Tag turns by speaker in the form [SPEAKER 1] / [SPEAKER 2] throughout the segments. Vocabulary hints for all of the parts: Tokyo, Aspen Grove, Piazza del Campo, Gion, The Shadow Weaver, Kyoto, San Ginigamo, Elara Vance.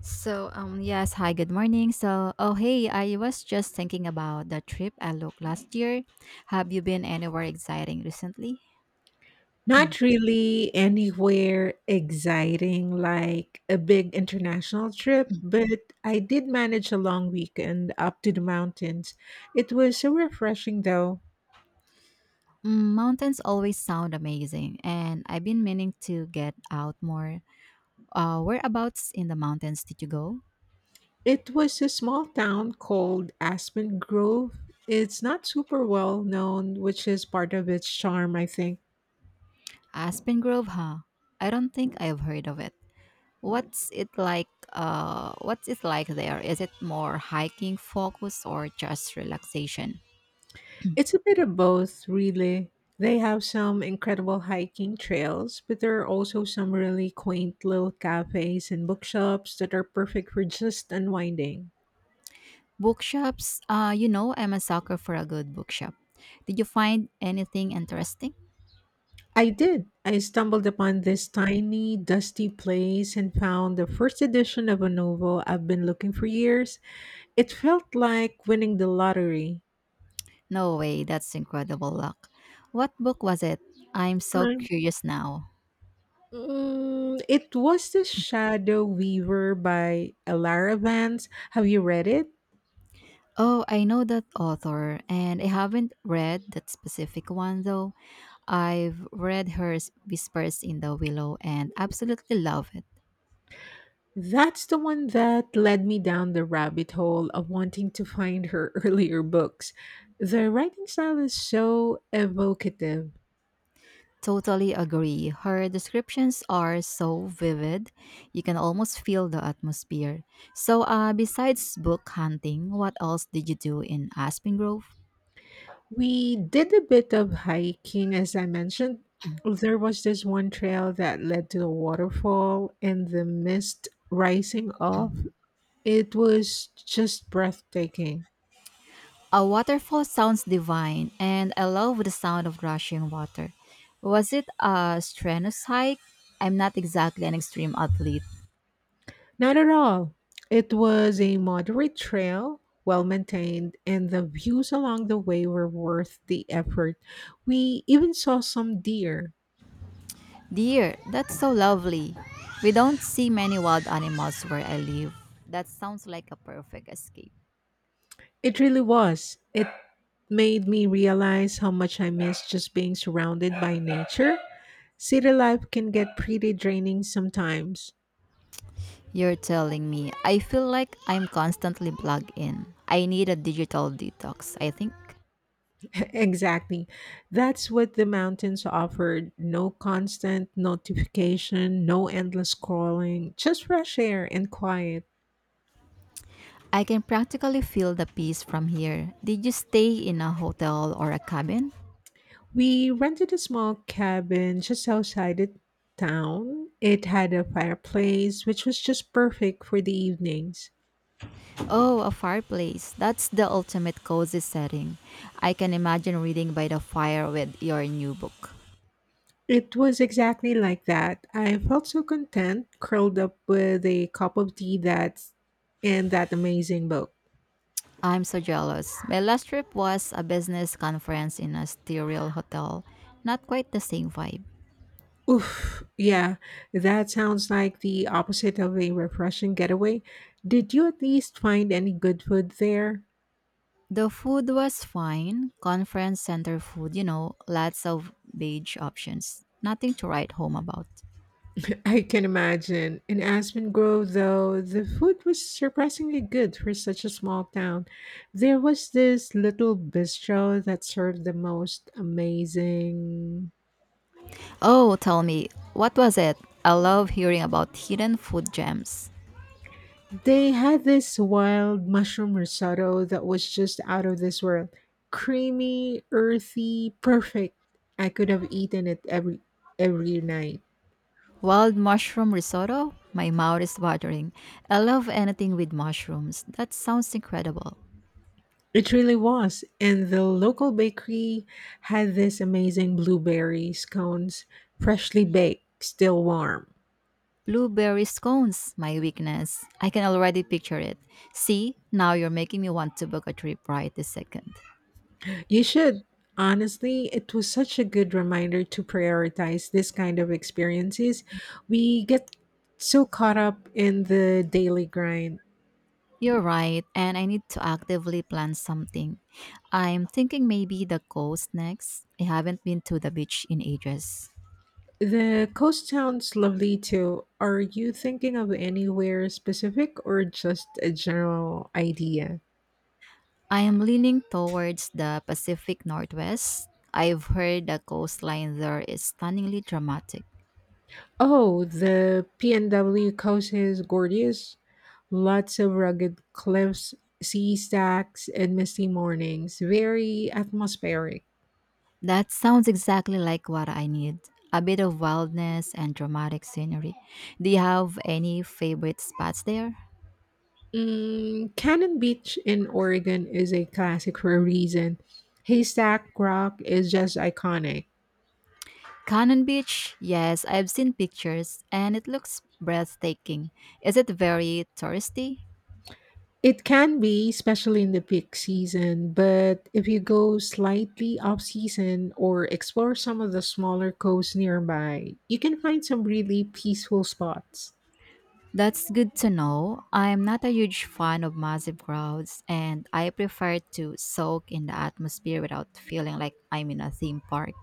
[SPEAKER 1] Yes, hi, good morning. Hey, I was just thinking about the trip I looked last year. Have you been anywhere exciting recently?
[SPEAKER 2] Not really anywhere exciting like a big international trip,
[SPEAKER 1] Mm.
[SPEAKER 2] but I did manage a long weekend up to the mountains. It was so refreshing though.
[SPEAKER 1] Mm, mountains always sound amazing, and I've been meaning to get out more. Whereabouts in the mountains did you go?
[SPEAKER 2] It was a small town called Aspen Grove. It's not super well known, which is part of its charm, I think.
[SPEAKER 1] Aspen Grove, huh? I don't think I've heard of it. What's it like? What's it like there? Is it more hiking focus or just relaxation?
[SPEAKER 2] It's a bit of both, really. They have some incredible hiking trails, but there are also some really quaint little cafes and bookshops that are perfect for just unwinding.
[SPEAKER 1] Bookshops. I'm a sucker for a good bookshop. Did you find anything interesting?
[SPEAKER 2] I did. I stumbled upon this tiny, dusty place and found the first edition of a novel I've been looking for years. It felt like winning the lottery.
[SPEAKER 1] No way, that's incredible luck. What book was it? I'm so
[SPEAKER 2] Um,
[SPEAKER 1] curious now.
[SPEAKER 2] it was The Shadow Weaver by Elara Vance. Have you read it?
[SPEAKER 1] Oh, I know that author, and I haven't read that specific one though. I've read her Whispers in the Willow and absolutely love it.
[SPEAKER 2] That's the one that led me down the rabbit hole of wanting to find her earlier books. The writing style is so evocative.
[SPEAKER 1] Totally agree. Her descriptions are so vivid, you can almost feel the atmosphere. Besides book hunting, what else did you do in Aspen Grove?
[SPEAKER 2] We did a bit of hiking, as I mentioned. There was this one trail that led to a waterfall and the mist rising off. It was just breathtaking.
[SPEAKER 1] A waterfall sounds divine, and I love the sound of rushing water. Was it a strenuous hike? I'm not exactly an extreme athlete.
[SPEAKER 2] Not at all. It was a moderate trail, well maintained, and the views along the way were worth the effort. We even saw some deer.
[SPEAKER 1] Dear, that's so lovely. We don't see many wild animals where I live. That sounds like a perfect escape.
[SPEAKER 2] It really was. It made me realize how much I miss just being surrounded by nature. City life can get pretty draining sometimes.
[SPEAKER 1] You're telling me. I feel like I'm constantly plugged in. I need a digital detox, I think.
[SPEAKER 2] Exactly. That's what the mountains offered: no constant notification, no endless scrolling, just fresh air and quiet.
[SPEAKER 1] I can practically feel the peace from here. Did you stay in a hotel or a cabin?
[SPEAKER 2] We rented a small cabin just outside the town. It had a fireplace, which was just perfect for the evenings.
[SPEAKER 1] Oh, a fireplace. That's the ultimate cozy setting. I can imagine reading by the fire with your new book.
[SPEAKER 2] It was exactly like that. I felt so content, curled up with a cup of tea that's and that amazing book.
[SPEAKER 1] I'm so jealous. My last trip was a business conference in a sterile hotel. Not quite the same vibe.
[SPEAKER 2] Oof, yeah, that sounds like the opposite of a refreshing getaway. Did you at least find any good food there?
[SPEAKER 1] The food was fine. Conference center food, lots of beige options. Nothing to write home about.
[SPEAKER 2] I can imagine. In Aspen Grove, though, the food was surprisingly good for such a small town. There was this little bistro that served the most amazing.
[SPEAKER 1] Oh, tell me, what was it? I love hearing about hidden food gems.
[SPEAKER 2] They had this wild mushroom risotto that was just out of this world. Creamy, earthy, perfect. I could have eaten it every night.
[SPEAKER 1] Wild mushroom risotto? My mouth is watering. I love anything with mushrooms. That sounds incredible.
[SPEAKER 2] It really was. And the local bakery had this amazing blueberry scones, freshly baked, still warm.
[SPEAKER 1] Blueberry scones, my weakness. I can already picture it. See, now you're making me want to book a trip right this second.
[SPEAKER 2] You should. Honestly, it was such a good reminder to prioritize this kind of experiences. We get so caught up in the daily grind.
[SPEAKER 1] You're right, and I need to actively plan something. I'm thinking maybe the coast next. I haven't been to the beach in ages.
[SPEAKER 2] The coast sounds lovely too. Are you thinking of anywhere specific or just a general idea?
[SPEAKER 1] I am leaning towards the Pacific Northwest. I've heard the coastline there is stunningly dramatic.
[SPEAKER 2] Oh, the PNW causes Gordius. Lots of rugged cliffs, sea stacks, and misty mornings. Very atmospheric.
[SPEAKER 1] That sounds exactly like what I need. A bit of wildness and dramatic scenery. Do you have any favorite spots there?
[SPEAKER 2] Mm, Cannon Beach in Oregon is a classic for a reason. Haystack Rock is just iconic.
[SPEAKER 1] Cannon Beach? Yes, I've seen pictures and it looks breathtaking. Is it very touristy?
[SPEAKER 2] It can be, especially in the peak season, but if you go slightly off season or explore some of the smaller coasts nearby, you can find some really peaceful spots.
[SPEAKER 1] That's good to know. I'm not a huge fan of massive crowds, and I prefer to soak in the atmosphere without feeling like I'm in a theme park.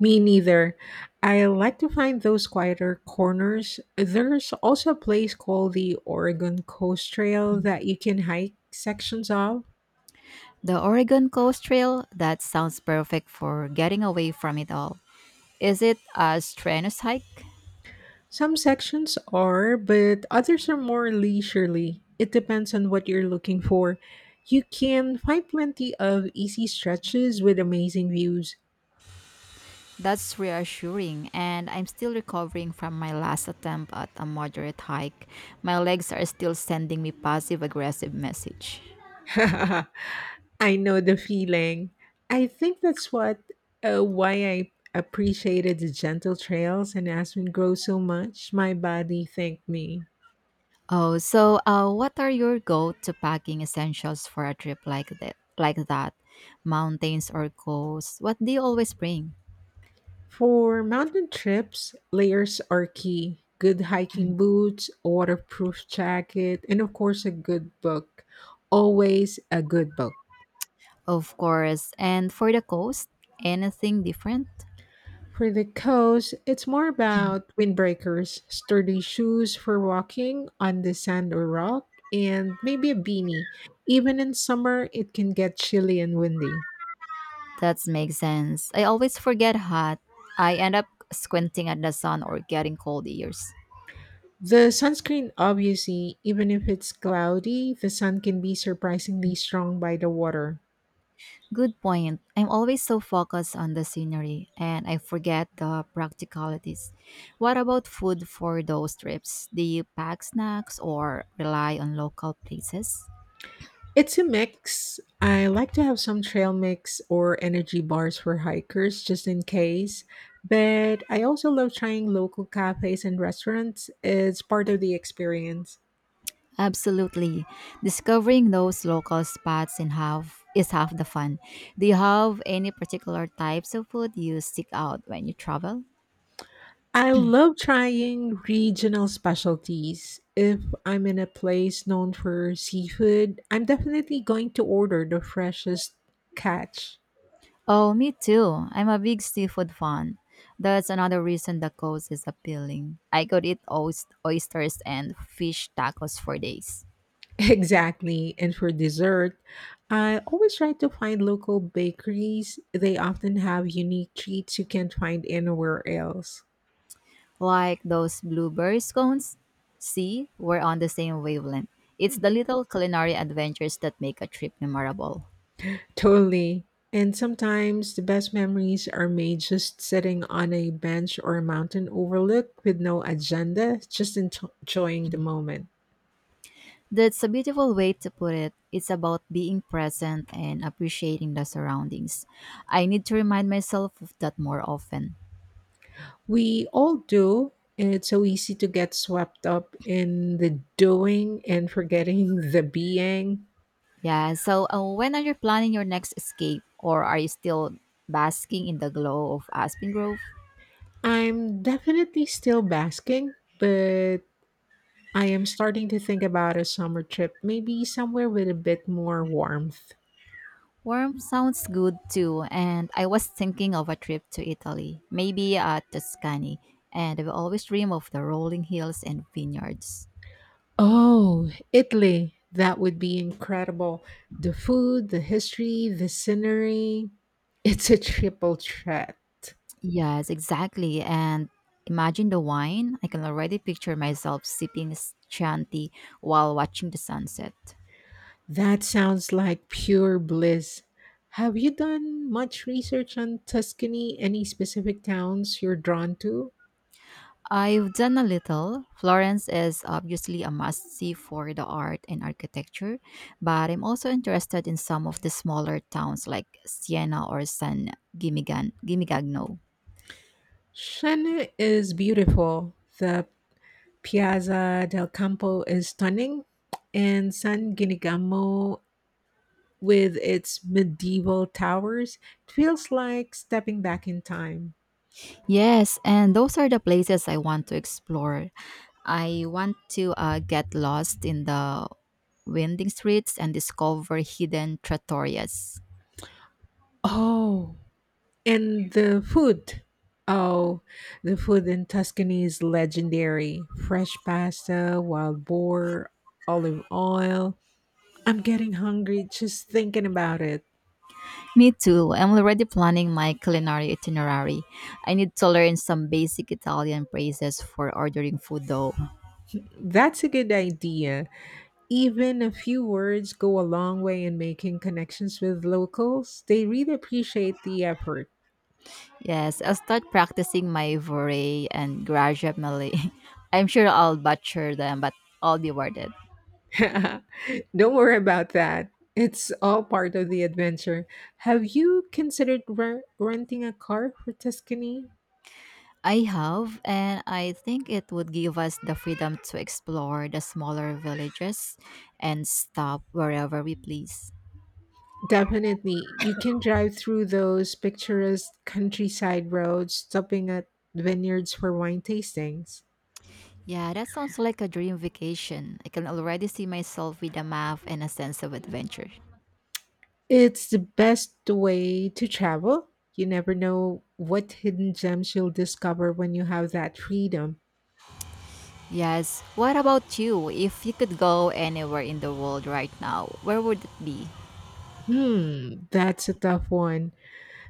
[SPEAKER 2] Me neither. I like to find those quieter corners. There's also a place called the Oregon Coast Trail that you can hike sections of.
[SPEAKER 1] The Oregon Coast Trail, that sounds perfect for getting away from it all. Is it a strenuous hike?
[SPEAKER 2] Some sections are, but others are more leisurely. It depends on what you're looking for. You can find plenty of easy stretches with amazing views.
[SPEAKER 1] That's reassuring, and I'm still recovering from my last attempt at a moderate hike. My legs are still sending me passive aggressive message.
[SPEAKER 2] I know the feeling. I think that's what why I appreciated the gentle trails and aspen grow so much. My body thanked me.
[SPEAKER 1] What are your go-to packing essentials for a trip like that? Like that, mountains or coast? What do you always bring?
[SPEAKER 2] For mountain trips, layers are key. Good hiking boots, waterproof jacket, and of course a good book. Always a good book.
[SPEAKER 1] Of course, and for the coast, anything different?
[SPEAKER 2] For the coast, it's more about windbreakers, sturdy shoes for walking on the sand or rock, and maybe a beanie. Even in summer, it can get chilly and windy.
[SPEAKER 1] That makes sense. I always forget hot. I end up squinting at the sun or getting cold ears.
[SPEAKER 2] The sunscreen, obviously, even if it's cloudy, the sun can be surprisingly strong by the water.
[SPEAKER 1] Good point. I'm always so focused on the scenery and I forget the practicalities. What about food for those trips? Do you pack snacks or rely on local places?
[SPEAKER 2] It's a mix. I like to have some trail mix or energy bars for hikers just in case, but I also love trying local cafes and restaurants. It's part of the experience.
[SPEAKER 1] Absolutely. Discovering those local spots in half is half the fun. Do you have any particular types of food you seek out when you travel?
[SPEAKER 2] I love trying regional specialties. If I'm in a place known for seafood, I'm definitely going to order the freshest catch.
[SPEAKER 1] Oh, me too. I'm a big seafood fan. That's another reason the coast is appealing. I could eat oysters and fish tacos for days.
[SPEAKER 2] Exactly. And for dessert, I always try to find local bakeries. They often have unique treats you can't find anywhere else.
[SPEAKER 1] Like those blueberry scones? See, we're on the same wavelength. It's the little culinary adventures that make a trip memorable.
[SPEAKER 2] Totally. And sometimes the best memories are made just sitting on a bench or a mountain overlook with no agenda, just enjoying the moment.
[SPEAKER 1] That's a beautiful way to put it. It's about being present and appreciating the surroundings. I need to remind myself of that more often.
[SPEAKER 2] We all do. And it's so easy to get swept up in the doing and forgetting the being.
[SPEAKER 1] Yeah. When are you planning your next escape, or are you still basking in the glow of Aspen Grove?
[SPEAKER 2] I'm definitely still basking, but I am starting to think about a summer trip, maybe somewhere with a bit more warmth.
[SPEAKER 1] Warm sounds good too, and I was thinking of a trip to Italy, maybe Tuscany, and I've always dream of the rolling hills and vineyards.
[SPEAKER 2] Oh, Italy. That would be incredible. The food, the history, the scenery. It's a triple threat.
[SPEAKER 1] Yes, exactly. And imagine the wine. I can already picture myself sipping Chianti while watching the sunset.
[SPEAKER 2] That sounds like pure bliss. Have you done much research on Tuscany? Any specific towns you're drawn to?
[SPEAKER 1] I've done a little. Florence is obviously a must see for the art and architecture, but I'm also interested in some of the smaller towns like Siena or San Gimigagno.
[SPEAKER 2] Siena is beautiful. The Piazza del Campo is stunning, and San Ginigamo with its medieval towers it feels like stepping back in time.
[SPEAKER 1] Yes, and those are the places I want to explore. I want to get lost in the winding streets and discover hidden trattorias.
[SPEAKER 2] Oh, and the food. Oh, the food in Tuscany is legendary. Fresh pasta, wild boar, olive oil. I'm getting hungry just thinking about it.
[SPEAKER 1] Me too. I'm already planning my culinary itinerary. I need to learn some basic Italian phrases for ordering food though.
[SPEAKER 2] That's a good idea. Even a few words go a long way in making connections with locals. They really appreciate the effort.
[SPEAKER 1] Yes, I'll start practicing my vorrei and gradually. I'm sure I'll butcher them, but I'll be worth it.
[SPEAKER 2] Don't worry about that. It's all part of the adventure. Have you considered renting a car for Tuscany?
[SPEAKER 1] I have, and I think it would give us the freedom to explore the smaller villages and stop wherever we please.
[SPEAKER 2] Definitely. You can drive through those picturesque countryside roads, stopping at vineyards for wine tastings.
[SPEAKER 1] Yeah, that sounds like a dream vacation. I can already see myself with a map and a sense of adventure.
[SPEAKER 2] It's the best way to travel. You never know what hidden gems you'll discover when you have that freedom.
[SPEAKER 1] Yes. What about you? If you could go anywhere in the world right now, where would it be?
[SPEAKER 2] Hmm, that's a tough one.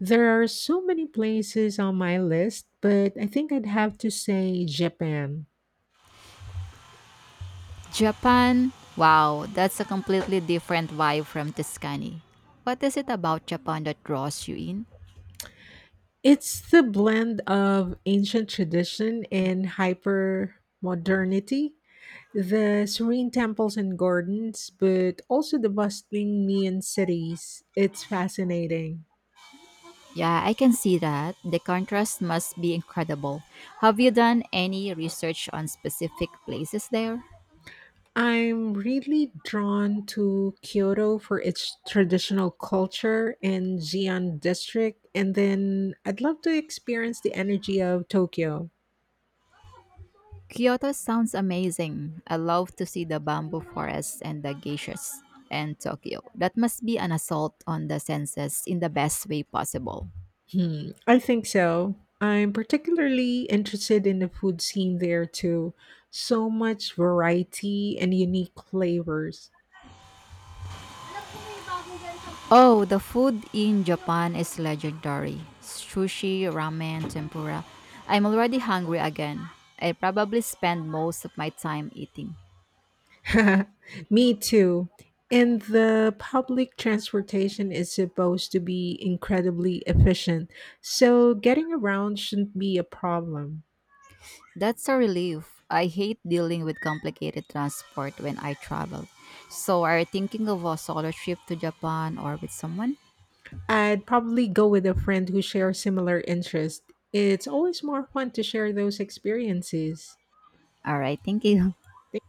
[SPEAKER 2] There are so many places on my list, but I think I'd have to say Japan.
[SPEAKER 1] Japan? Wow, that's a completely different vibe from Tuscany. What is it about Japan that draws you in?
[SPEAKER 2] It's the blend of ancient tradition and hyper modernity the serene temples and gardens, but also the bustling neon cities. It's fascinating.
[SPEAKER 1] Yeah, I can see that. The contrast must be incredible. Have you done any research on specific places there?
[SPEAKER 2] I'm really drawn to Kyoto for its traditional culture and Gion district, and then I'd love to experience the energy of Tokyo.
[SPEAKER 1] Kyoto sounds amazing. I love to see the bamboo forests and the geishas and Tokyo. That must be an assault on the senses in the best way possible.
[SPEAKER 2] Hmm, I think so. I'm particularly interested in the food scene there too. So much variety and unique flavors.
[SPEAKER 1] Oh, the food in Japan is legendary. Sushi, ramen, tempura. I'm already hungry again. I probably spend most of my time eating.
[SPEAKER 2] Me too. And the public transportation is supposed to be incredibly efficient, so getting around shouldn't be a problem.
[SPEAKER 1] That's a relief. I hate dealing with complicated transport when I travel. So, are you thinking of a solo trip to Japan or with someone?
[SPEAKER 2] I'd probably go with a friend who shares similar interests. It's always more fun to share those experiences.
[SPEAKER 1] All right, thank you.